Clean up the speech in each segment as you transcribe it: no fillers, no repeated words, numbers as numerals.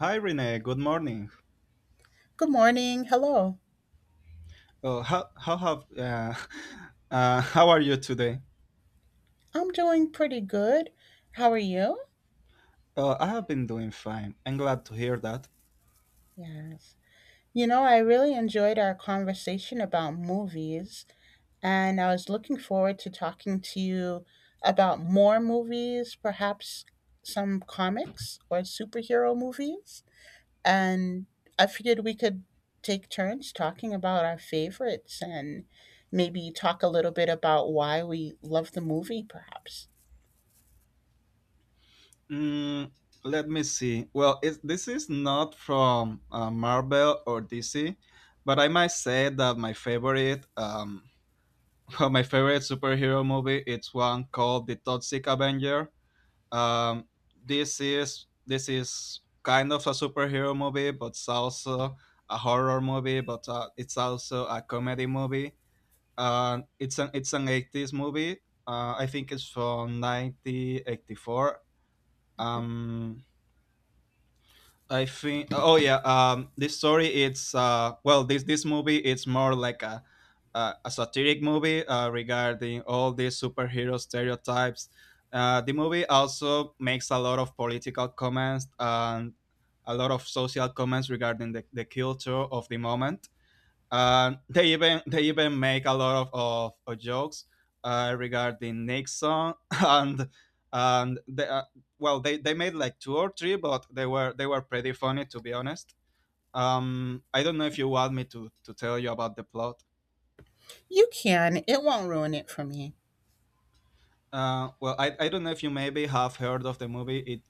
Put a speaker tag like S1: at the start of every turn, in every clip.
S1: Hi, Renee. Good morning.
S2: Good morning. Hello.
S1: How have how are you today?
S2: I'm doing pretty good. How are you?
S1: I have been doing fine. I'm glad to hear that.
S2: Yes. You know, I really enjoyed our conversation about movies, and I was looking forward to talking to you about more movies, perhaps some comics or superhero movies. And I figured we could take turns talking about our favorites and maybe talk a little bit about why we love the movie, perhaps.
S1: Mm, let me see. Well, this is not from Marvel or DC, but I might say that my favorite well, my favorite superhero movie it's one called The Toxic Avenger. Um, this is kind of a superhero movie, but it's also a horror movie, but it's also a comedy movie. It's an 80s movie. I think it's from 1984. Um, I think. Oh yeah. This story. It's. Well, this movie. It's more like a satiric movie regarding all these superhero stereotypes. The movie also makes a lot of political comments and a lot of social comments regarding the culture of the moment, and they even make a lot of jokes regarding Nixon and they made like two or three, but they were pretty funny, to be honest. I don't know if you want me to tell you about the plot.
S2: You can, it won't ruin it for me.
S1: I don't know if you maybe have heard of the movie. it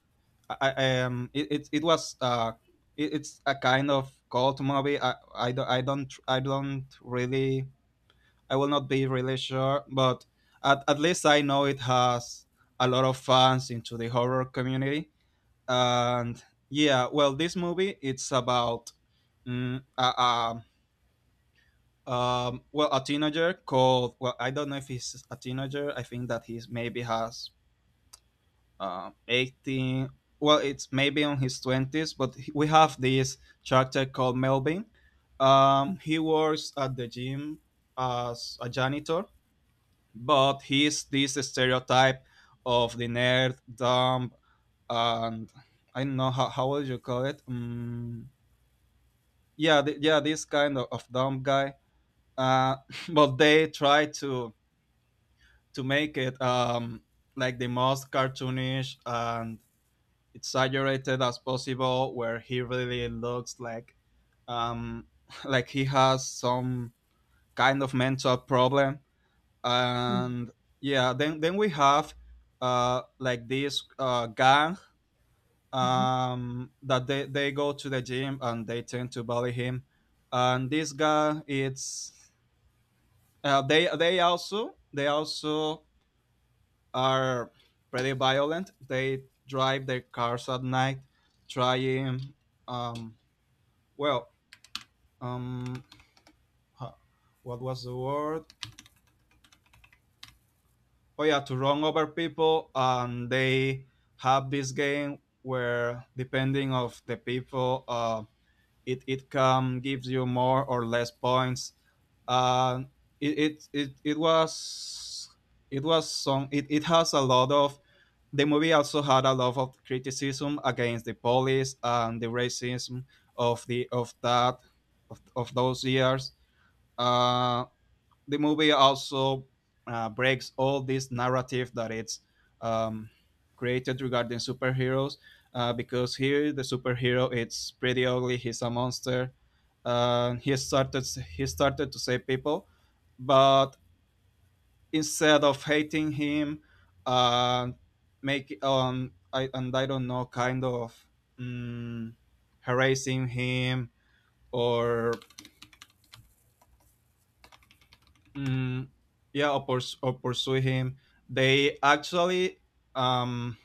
S1: I, I um it, it, It was it's a kind of cult movie. I, don't I don't I don't really I will not be really sure, but at least I know it has a lot of fans into the horror community. And yeah, well, this movie it's about mm, a, a, well, a teenager called, well, I don't know if he's a teenager. I think that he's maybe has 18. Well, it's maybe on his twenties, but we have this character called Melvin. He works at the gym as a janitor, but he's this stereotype of the nerd, dumb, and I don't know how would you call it. Yeah, this kind of dumb guy. Uh, but they try to make it like the most cartoonish and exaggerated as possible, where he really looks like um, like he has some kind of mental problem. And yeah, then we have like this gang that they go to the gym and they tend to bully him. And this guy it's they also are pretty violent. They drive their cars at night trying um well um ho- what was the word? Oh yeah, to run over people. And they have this game where depending of the people, it can gives you more or less points. Uh, it, it was some it, it has a lot of... The movie also had a lot of criticism against the police and the racism of the of that of those years. uh, the movie also breaks all this narrative that it's um, created regarding superheroes, because here the superhero it's pretty ugly, he's a monster. Uh, he started he started to save people, but instead of hating him, uh, make and I don't know, kind of mm, harassing him or... Mm, yeah, or pursue him. They actually um,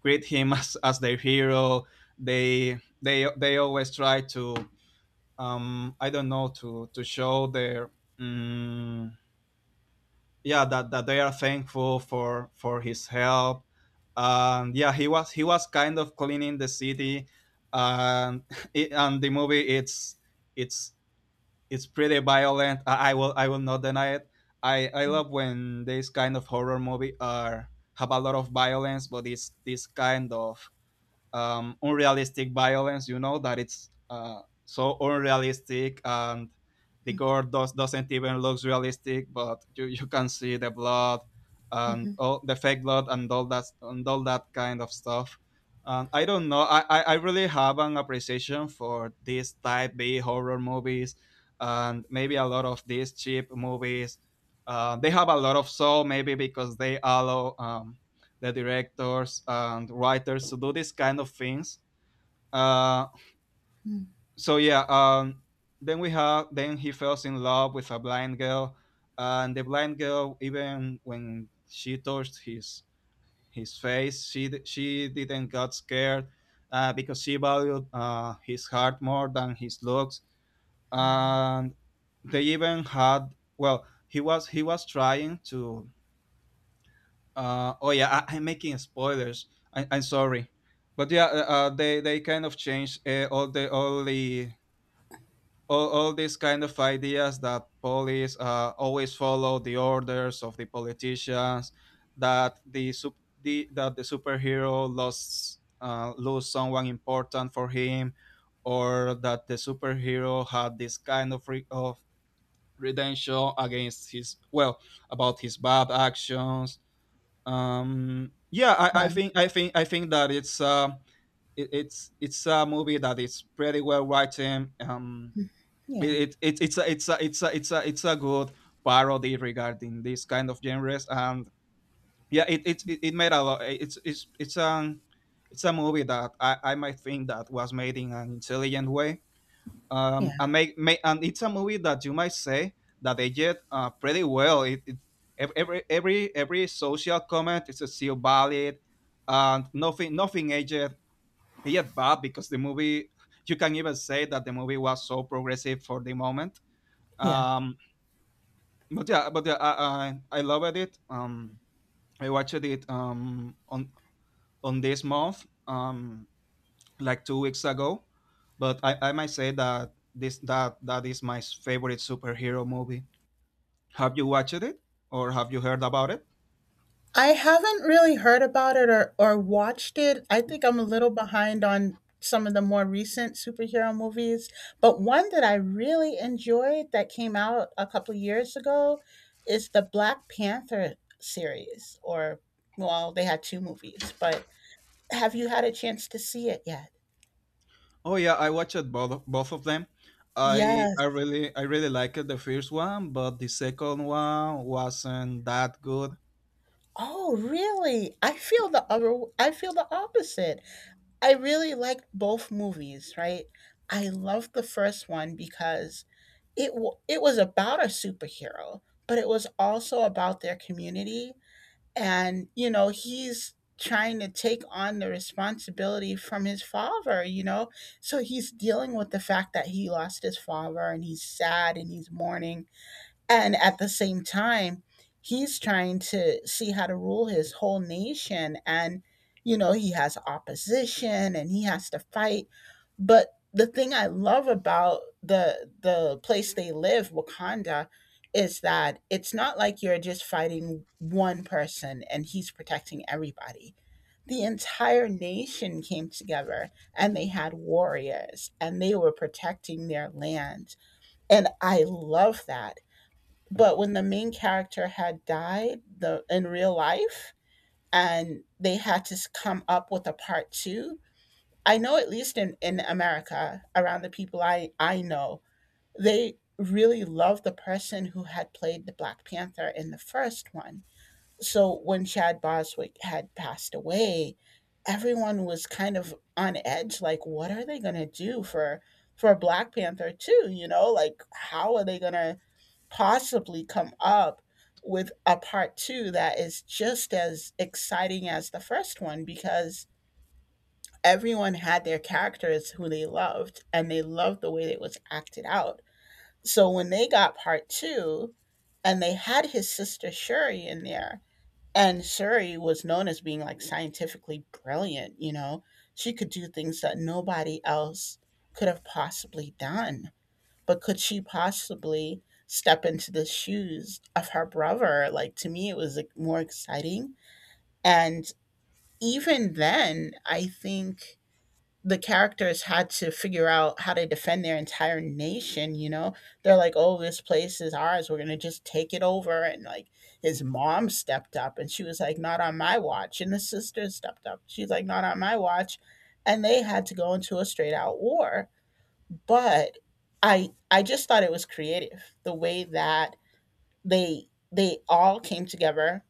S1: greet him as their hero. They always try to I don't know, to show their mm, yeah, that they are thankful for his help. And yeah, he was kind of cleaning the city, and and the movie it's it's pretty violent. I will not deny it. I love when these kind of horror movie are have a lot of violence, but it's this kind of unrealistic violence. You know that it's so unrealistic, and the gore doesn't even look realistic. But you can see the blood and all the fake blood and all that, and all that kind of stuff. And I don't know. I really have an appreciation for these type B horror movies and maybe a lot of these cheap movies. They have a lot of soul, maybe because they allow the directors and writers to do these kind of things. Uh, so yeah, then we have, then he falls in love with a blind girl, and the blind girl, even when she touched his face, she didn't got scared, because she valued his heart more than his looks, and they even had, well, he was trying to... oh yeah, I, I'm making spoilers. I'm sorry, but yeah, they kind of changed all these kind of ideas, that police always follow the orders of the politicians, that the superhero lost, lose someone important for him, or that the superhero had this kind of redemption against his, well, about his bad actions. I
S2: Well,
S1: think I think that it's it, it's a movie that is pretty well written. Um
S2: yeah,
S1: it, it, it it's a, it's a, it's a, it's a, it's a good parody regarding this kind of genres. And yeah, it made a lot it's a movie that I might think that was made in an intelligent way,
S2: yeah,
S1: make, and it's a movie that you might say that they did pretty well. It every social comment is still valid, and nothing aged yet bad, because the movie, you can even say that the movie was so progressive for the moment.
S2: yeah.
S1: Um, but yeah, I loved it. I watched it on this month. Like 2 weeks ago. But I might say that this that that is my favorite superhero movie. Have you watched it or have you heard about it?
S2: I haven't really heard about it or watched it. I think I'm a little behind on some of the more recent superhero movies. But one that I really enjoyed that came out a couple years ago is the Black Panther series, or, well, they had two movies, but have you had a chance to see it yet?
S1: Oh yeah, I watched both of them. I I
S2: Yes.
S1: really I really liked the first one, but the second one wasn't that good.
S2: Oh, really? I feel the other, I feel the opposite. I really liked both movies, right? I loved the first one because it was about a superhero, but it was also about their community and you know, he's trying to take on the responsibility from his father, you know? So he's dealing with the fact that he lost his father and he's sad and he's mourning and at the same time, he's trying to see how to rule his whole nation. And, you know, he has opposition and he has to fight. But the thing I love about the place they live, Wakanda, is that it's not like you're just fighting one person and he's protecting everybody. The entire nation came together and they had warriors and they were protecting their land. And I love that, but when the main character had died the in real life and they had to come up with a part two, I know at least in america around the people I know, they really loved the person who had played the black panther in the first one. So when chad boswick had passed away, everyone was kind of on edge like what are they going to do for black panther 2, you know, like how are they going to possibly come up with a part two that is just as exciting as the first one, because everyone had their characters who they loved and they loved the way it was acted out. So when they got part two and they had his sister Shuri in there, and Shuri was known as being like scientifically brilliant, you know, she could do things that nobody else could have possibly done. But could she possibly step into the shoes of her brother? Like, to me, it was like, more exciting. And even then, I think the characters had to figure out how to defend their entire nation. You know, they're like, oh, this place is ours. We're going to just take it over. And like, his mom stepped up and she was like, not on my watch. And the sister stepped up. She's like, not on my watch. And they had to go into a straight out war, but I just thought it was creative the way that they they all came together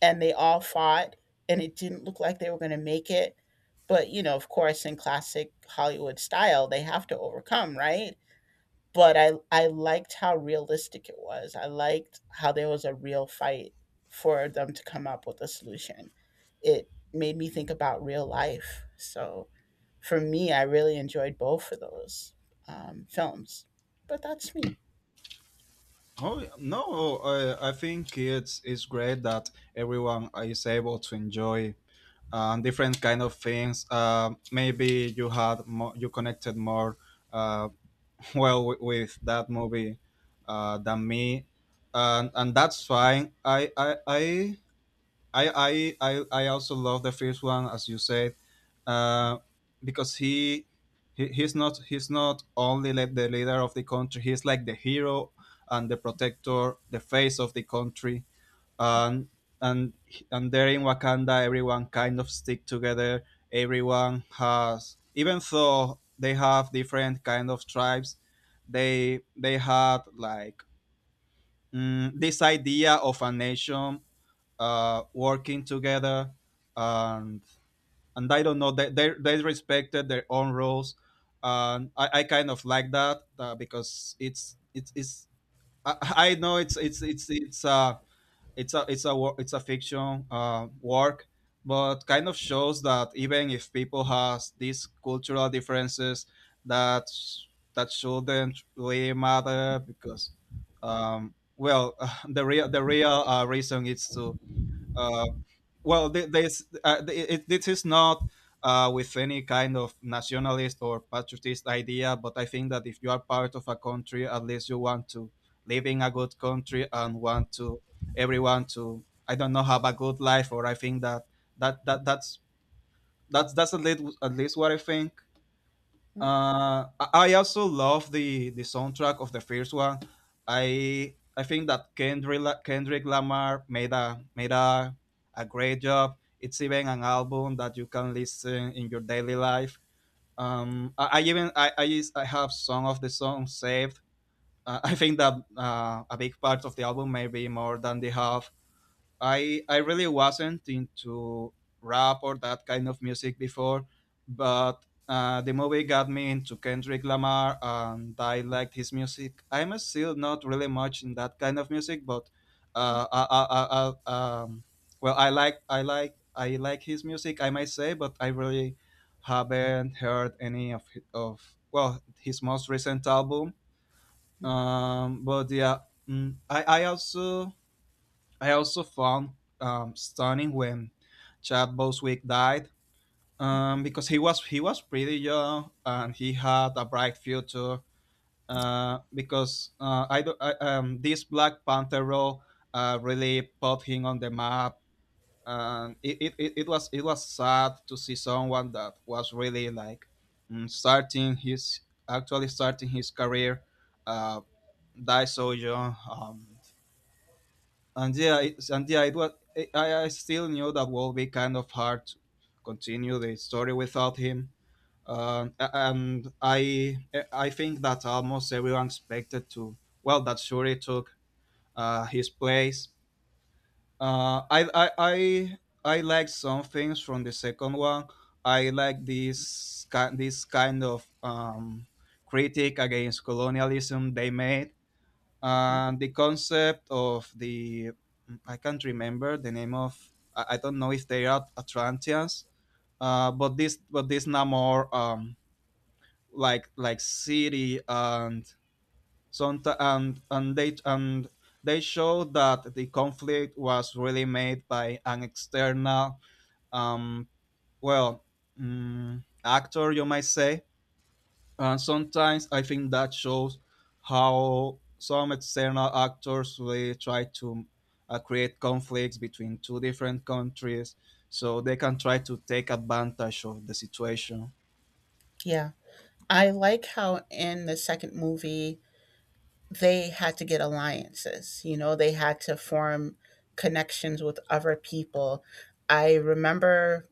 S2: and they all fought and it didn't look like they were going to make it. But, you know, of course in classic Hollywood style, they have to overcome, right? But I liked how realistic it was. I liked how there was a real fight for them to come up with a solution. It made me think about real life. So for me, I really enjoyed both of those films. But that's me.
S1: Oh no, I think it's great that everyone is able to enjoy different kind of things. Um, maybe you had more, you connected more uh, well with that movie, than me, and that's fine. I also love the first one, as you said, uh, because he's not only like the leader of the country. He's like the hero and the protector, the face of the country, and and and there in Wakanda, everyone kind of stick together. Everyone has, even though they have different kind of tribes, they had like this idea of a nation working together, and and I don't know, they respected their own rules, and I kind of like that, because it's I know it's a fiction work, but kind of shows that even if people has these cultural differences, that that shouldn't really matter. Because um, well, the real reason is to... uh, this is not with any kind of nationalist or patriotist idea, but I think that if you are part of a country, at least you want to live in a good country, and want to everyone to, I don't know, have a good life. Or I think that that that that's that's at least what I think. I also love the soundtrack of the first one. I think that Kendrick Lamar made a a great job. It's even an album that you can listen in your daily life. I even I, is- I have some of the songs saved. I think that a big part of the album, maybe more than the half, I really wasn't into rap or that kind of music before, but the movie got me into Kendrick Lamar, and I liked his music. I'm still not really much in that kind of music, but uh, I, I, I, I, well, I like I like I like his music, I might say, but I really haven't heard any of, well, his most recent album. But yeah, mm, I I also I also found stunning when Chad Boswick died, because he was pretty young and he had a bright future. Because I, do- I this Black Panther role really put him on the map, and it was sad to see someone that was really like mm, starting his actually starting his career uh, die so young. And yeah, it was. I still knew that would be kind of hard to continue the story without him. And I think that almost everyone expected to, well, that Shuri took his place. Uh, I, I I I like some things from the second one. I like this kind of critic against colonialism they made, and the concept of the, I can't remember the name of, I don't know if they are Atlanteans, but this Namor, like city and some and they show that the conflict was really made by an external, um well actor, you might say, and sometimes I think that shows how some external actors really try to create conflicts between two different countries so they can try to take advantage of the situation.
S2: Yeah. I like how in the second movie, they had to get alliances. You know, they had to form connections with other people. I remember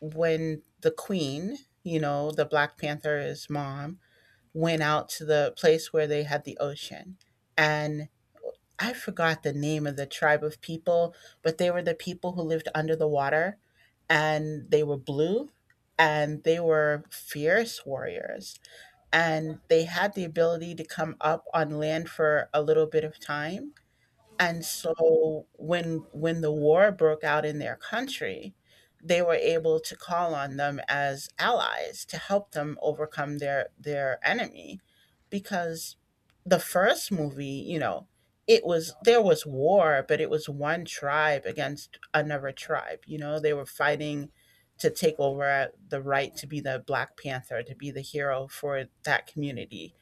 S2: when the queen, you know, the Black Panther's mom, went out to the place where they had the ocean. And I forgot the name of the tribe of people, but they were the people who lived under the water and they were blue and they were fierce warriors and they had the ability to come up on land for a little bit of time, and so when the war broke out in their country, they were able to call on them as allies to help them overcome their enemy, because the first movie, you know, it was there was war, but it was one tribe against another tribe, you know, they were fighting to take over the right to be the Black Panther, to be the hero for that community,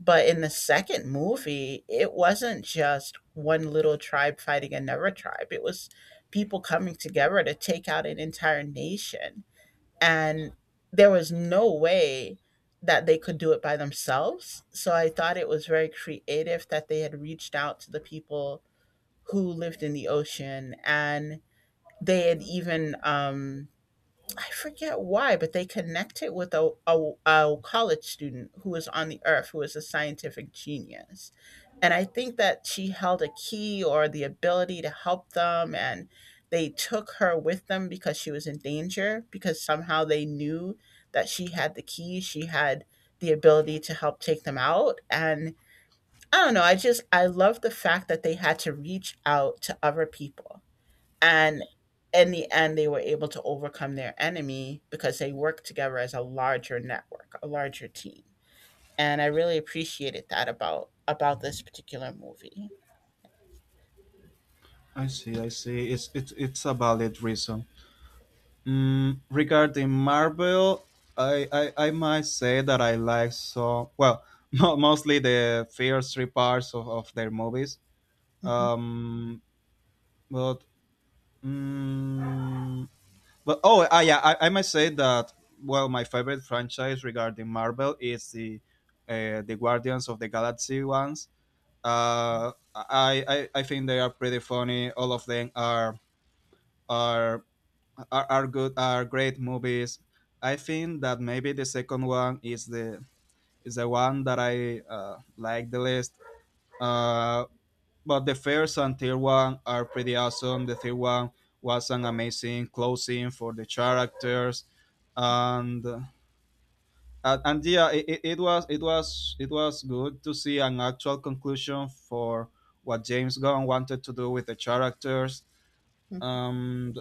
S2: but in the second movie, it wasn't just one little tribe fighting another tribe. It was people coming together to take out an entire nation. And there was no way that they could do it by themselves. So I thought it was very creative that they had reached out to the people who lived in the ocean, and they had even I forget why, but they connect it with a college student who was on the earth, who was a scientific genius. And I think that she held a key or the ability to help them. And they took her with them because she was in danger, because somehow they knew that she had the key. She had the ability to help take them out. And I don't know. I just, I love the fact that they had to reach out to other people, and in the end they were able to overcome their enemy because they worked together as a larger network, a larger team, and I really appreciated that about this particular movie.
S1: I see, I see. It's a valid reason. Regarding Marvel, I might say that I like well, mostly the first three parts of their movies.
S2: Mhm.
S1: Um, but mm, But oh, yeah, I must say that, well, my favorite franchise regarding Marvel is the Guardians of the Galaxy ones. I think they are pretty funny. All of them are are great movies. I think that maybe the second one is the one that I like the least. Uh, but the first and third one are pretty awesome. The third one was an amazing closing for the characters, and uh, and yeah, it was good to see an actual conclusion for what James Gunn wanted to do with the characters.
S2: Mhm.
S1: Um,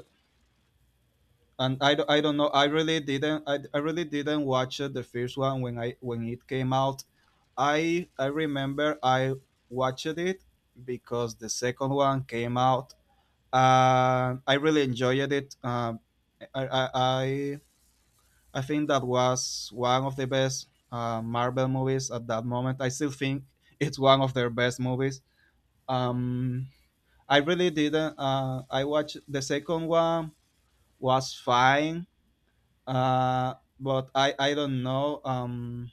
S1: and I don't know, I really didn't watch it, the first one when I when it came out. I remember I watched it because the second one came out and I really enjoyed it. I i i, I think that was one of the best Marvel movies at that moment. I still think it's one of their best movies. Um I really didn't. I watched the second one. Was fine. uh, but I don't know.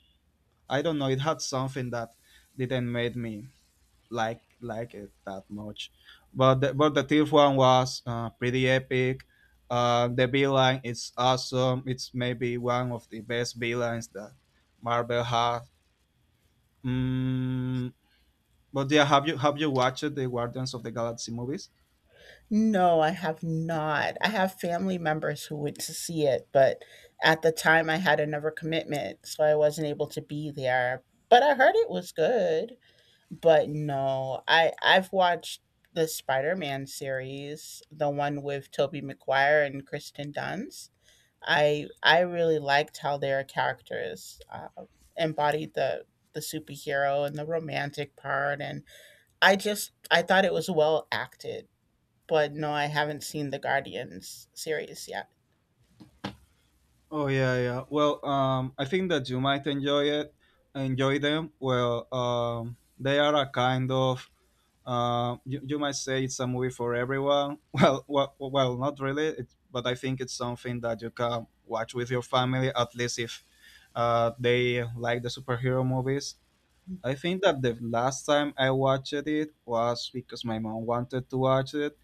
S1: I don't know. It had something that didn't make me like it that much. But the thief one was pretty epic. The line is awesome. It's maybe one of the best lines that Marvel has. Mm, but yeah, have you watched the Guardians of the Galaxy movies?
S2: No, I have not. I have family members who went to see it, but at the time I had another commitment, so I wasn't able to be there, but I heard it was good. But no, I've watched the Spider-Man series, the one with Tobey Maguire and Kristen Dunst. I really liked how their characters embodied the superhero and the romantic part, and I just I thought it was well acted. But no, I haven't seen the Guardians series yet.
S1: Oh yeah, yeah. Well, I think that you might enjoy them. Well, they are a kind of, you might say it's a movie for everyone. Well, not really, but I think it's something that you can watch with your family at least if they like the superhero movies. I think that the last time I watched it was because my mom wanted to watch it.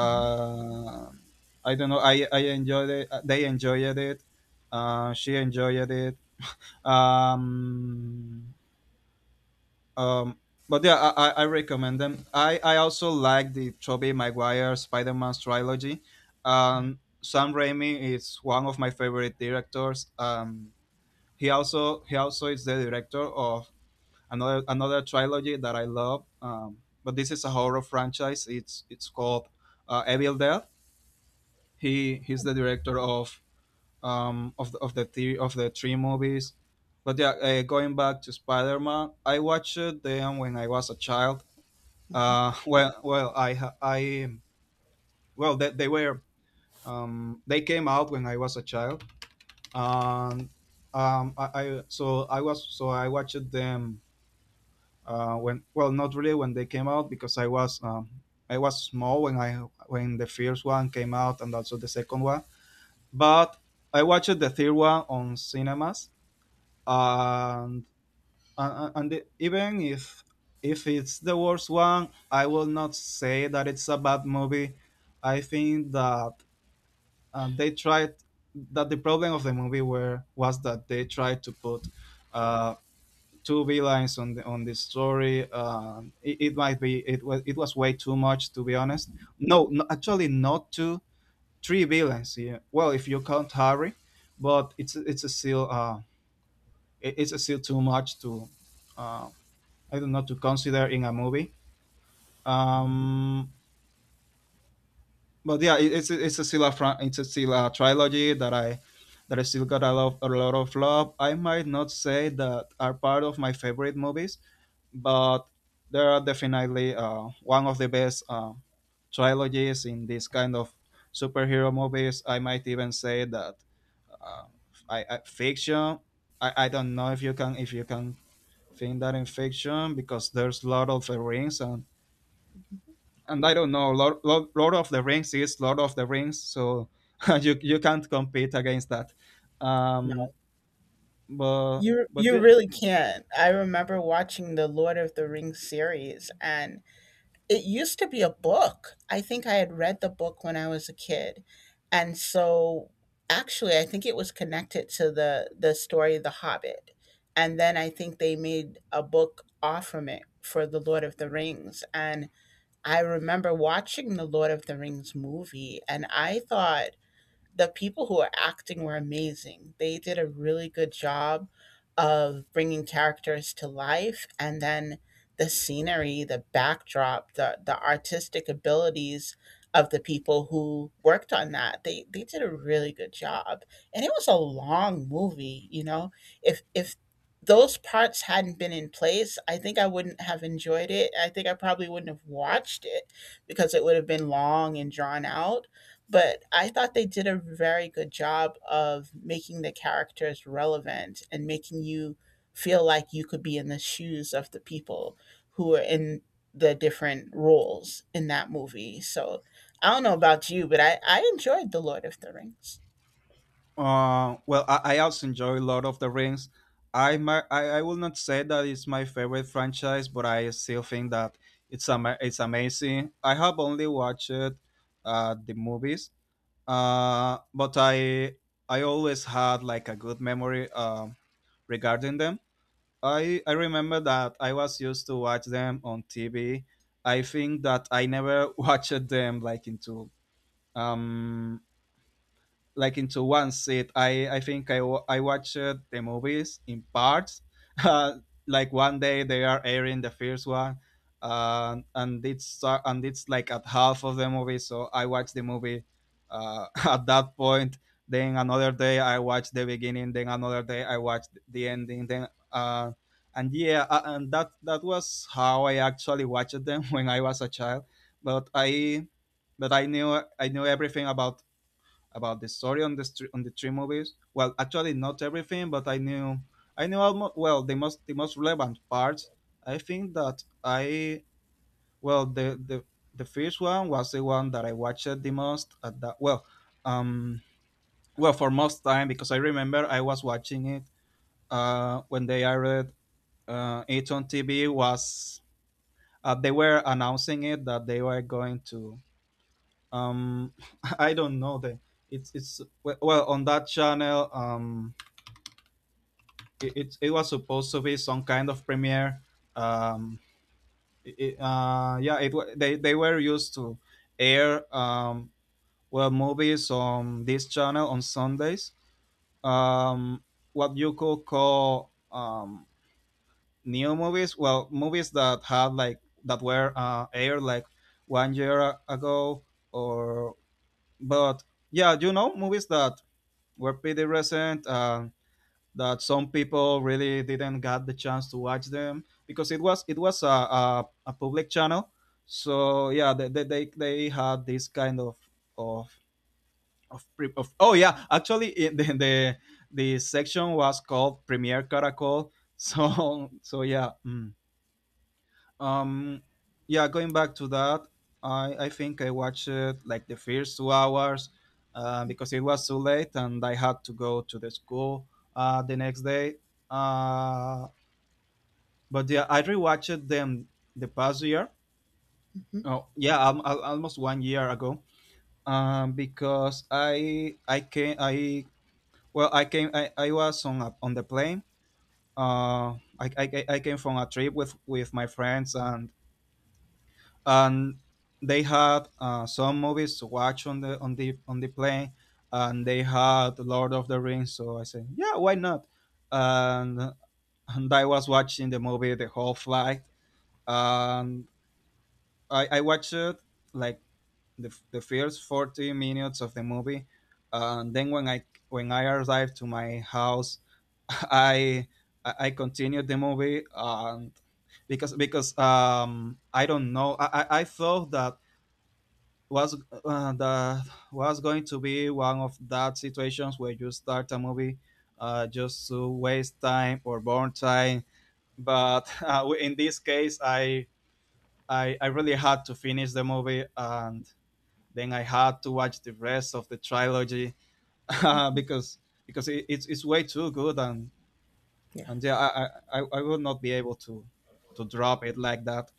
S2: Mhm.
S1: I don't know. I enjoyed it. They enjoyed it. She enjoyed it. Um, um, but yeah, I recommend them. I also like the Tobey Maguire Spider Man trilogy.
S2: Yeah.
S1: Sam Raimi is one of my favorite directors. He also is the director of another trilogy that I love. But this is a horror franchise. It's called Evil Dead. He's the director of of the three movies. But yeah, going back to spider-man, I watched them when I was a child.
S2: Mhm.
S1: Well well I ha- I well they were, they came out when I was a child. And I so I was so I watched them when, well, not really when they came out, because I was small when I when the first one came out and also the second one. But I watched the third one on cinemas, and and even if it's the worst one, I will not say that it's a bad movie. I think that they tried, that the problem of the movie were was that they tried to put uh, two villains on the story. It might be, it was way too much, to be honest. No, no, actually, not two, three villains. Yeah. Well, if you count Harry, but it's a still it's a still too much to, uh, I don't know, to consider in a movie. Um, but yeah, it's a still a trilogy that I still got a lot of love. I might not say that are part of my favorite movies, but they are definitely one of the best trilogies in this kind of superhero movies. I might even say that uh, I fiction. I don't know if you can think that in fiction, because there's Lord of the Rings, and I don't know, Lord of the Rings is Lord of the Rings, so you can't compete against that.
S2: No,
S1: Um, but
S2: you
S1: but
S2: you
S1: yeah,
S2: really can't. I remember watching the Lord of the Rings series, and it used to be a book. I think I had read the book when I was a kid. And so actually I think it was connected to the story The Hobbit. And then I think they made a book off from it for The Lord of the Rings. And I remember watching the Lord of the Rings movie and I thought the people who were acting were amazing. They did a really good job of bringing characters to life, and then the scenery, the backdrop, the artistic abilities of the people who worked on that. They did a really good job. And it was a long movie, you know. If those parts hadn't been in place, I think I wouldn't have enjoyed it. I think I probably wouldn't have watched it because it would have been long and drawn out, but I thought they did a very good job of making the characters relevant and making you feel like you could be in the shoes of the people who are in the different roles in that movie. So I don't know about you, but I enjoyed The Lord of the Rings.
S1: well, I also enjoy Lord of the Rings. I, my, I will not say that it's my favorite franchise, but I still think that it's amazing. I have only watched the movies, but I always had like a good memory, regarding them. I remember that I was used to watch them on TV. I think that I never watched them um like into one sit. I think I watched the movies in parts. Like one day they are airing the first one, and it's like at half of the movie. So I watched the movie at that point. Then another day I watched the beginning. Then another day I watched the ending. And that was how I actually watched them when I was a child. But I knew everything about the story on the three movies. Well, actually, not everything, but I knew almost, well, the most relevant parts. I think that I well the first one was the one that I watched the most at that well um well for most time, because I remember I was watching it when they aired it on TV. Was They were announcing it that they were going to, um I don't know, the it's we- well, on that channel, it was supposed to be some kind of premiere. um yeah, they were used to air, well, movies on this channel on sundays, um what you could call, new movies, well, movies that had like, that were aired like one year ago, or, but yeah, movies that were pretty recent. That some people really didn't get the chance to watch them because it was a public channel. So yeah, they had this kind of of oh yeah, actually the section was called Premier Caracol. So yeah. Mm. Um, yeah, going back to that, I think I watched it like the first 2 hours, because it was too late and I had to go to the school the next day. Uh, but yeah, I rewatched them the past year.
S2: Mhm,
S1: Oh, yeah, almost one year ago. Because I came I well I came I was on on the plane. I came from a trip with, my friends, and and they had some movies to watch on the on the on the plane, and they had Lord of the Rings. So I said, yeah, why not? And and I was watching the movie the whole flight, and I watched it like the first 40 minutes of the movie, and then when I arrived to my house, I I I continued the movie, and because, I don't know, I thought that was going to be one of that situations where you start a movie just to waste time or burn time. But in this case, I really had to finish the movie, and then I had to watch the rest of the trilogy uh,
S2: mhm.
S1: because because it's way too good, and
S2: Yeah.
S1: and yeah, I I, I I would not be able to drop it like that.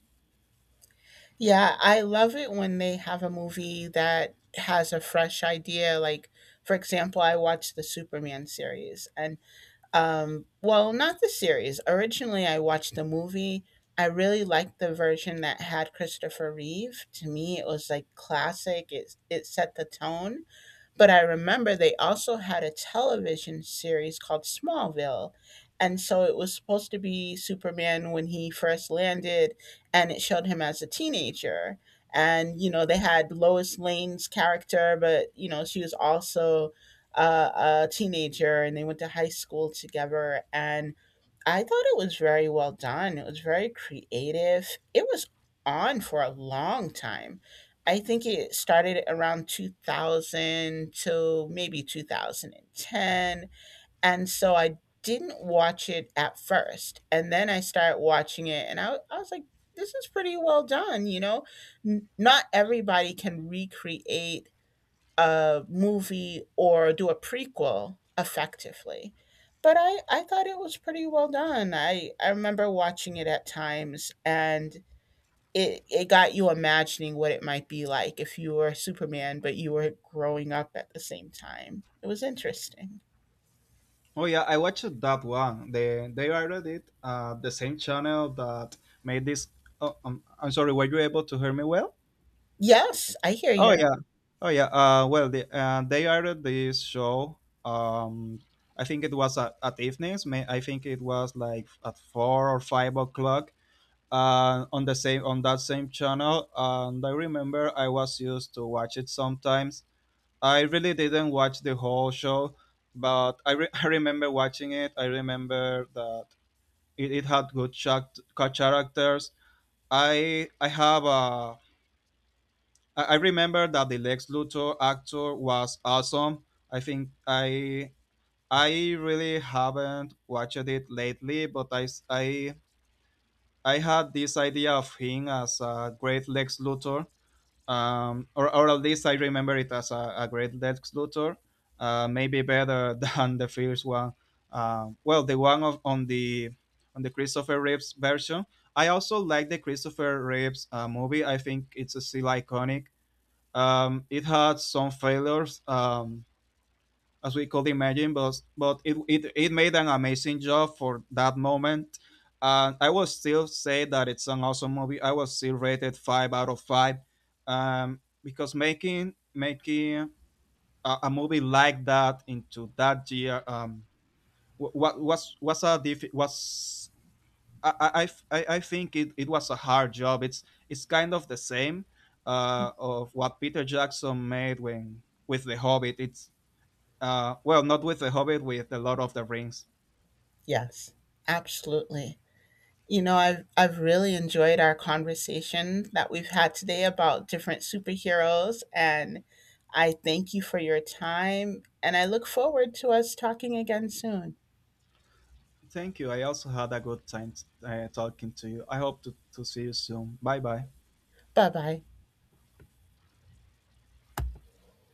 S2: Yeah, I love it when they have a movie that has a fresh idea. Like, for example, I watched the Superman series. And Well, not the series. Originally, I watched the movie. I really liked the version that had Christopher Reeve. To me, it was like classic. It set the tone, but I remember they also had a television series called Smallville. And so it was supposed to be Superman when he first landed, and it showed him as a teenager. And, you know, they had Lois Lane's character, but, you know, she was also a teenager, and they went to high school together. And I thought it was very well done. It was very creative. It was on for a long time. I think it started around 2000 to maybe 2010. And ten. And so I didn't watch it at first. And then I started watching it and I was like, this is pretty well done. You know, N- not everybody can recreate a movie or do a prequel effectively. But I thought it was pretty well done. I remember watching it at times, and it got you imagining what it might be like if you were Superman, but you were growing up at the same time. It was interesting.
S1: Oh yeah, I watched that one. They aired it the same channel that made this. Oh, I'm sorry. Were you able to hear me well?
S2: Yes, I hear
S1: Oh
S2: you.
S1: yeah, oh yeah. Well, they aired this show. Um, I think it was at evenings. May I think it was like at 4 or 5 o'clock. On that same channel, and I remember I was used to watch it sometimes. I really didn't watch the whole show, but I remember watching it. I remember that it had good characters. I have a I remember that the Lex Luthor actor was awesome. I think I really haven't watched it lately, but I s- I had this idea of him as a great Lex Luthor, or at least I remember it as a great Lex Luthor, maybe better than the first one. Well, the one of, on the Christopher Reeves version. I also like the Christopher Reeves movie. I think it's still iconic. It had some failures. As we could imagine, but it made an amazing job for that moment. And I will still say that it's an awesome movie. I will still rate it 5 out of 5, because making a movie like that into that year, what was a diff- was I, I, I think it was a hard job. It's kind of the same of what Peter Jackson made when with The Hobbit. It's well, not with The Hobbit, with The Lord of the Rings.
S2: Yes, absolutely. You know, I've really enjoyed our conversation that we've had today about different superheroes, and I thank you for your time, and I look forward to us talking again soon.
S1: Thank you. I also had a good time talking to you. I hope to see you soon. Bye bye.
S2: Bye bye.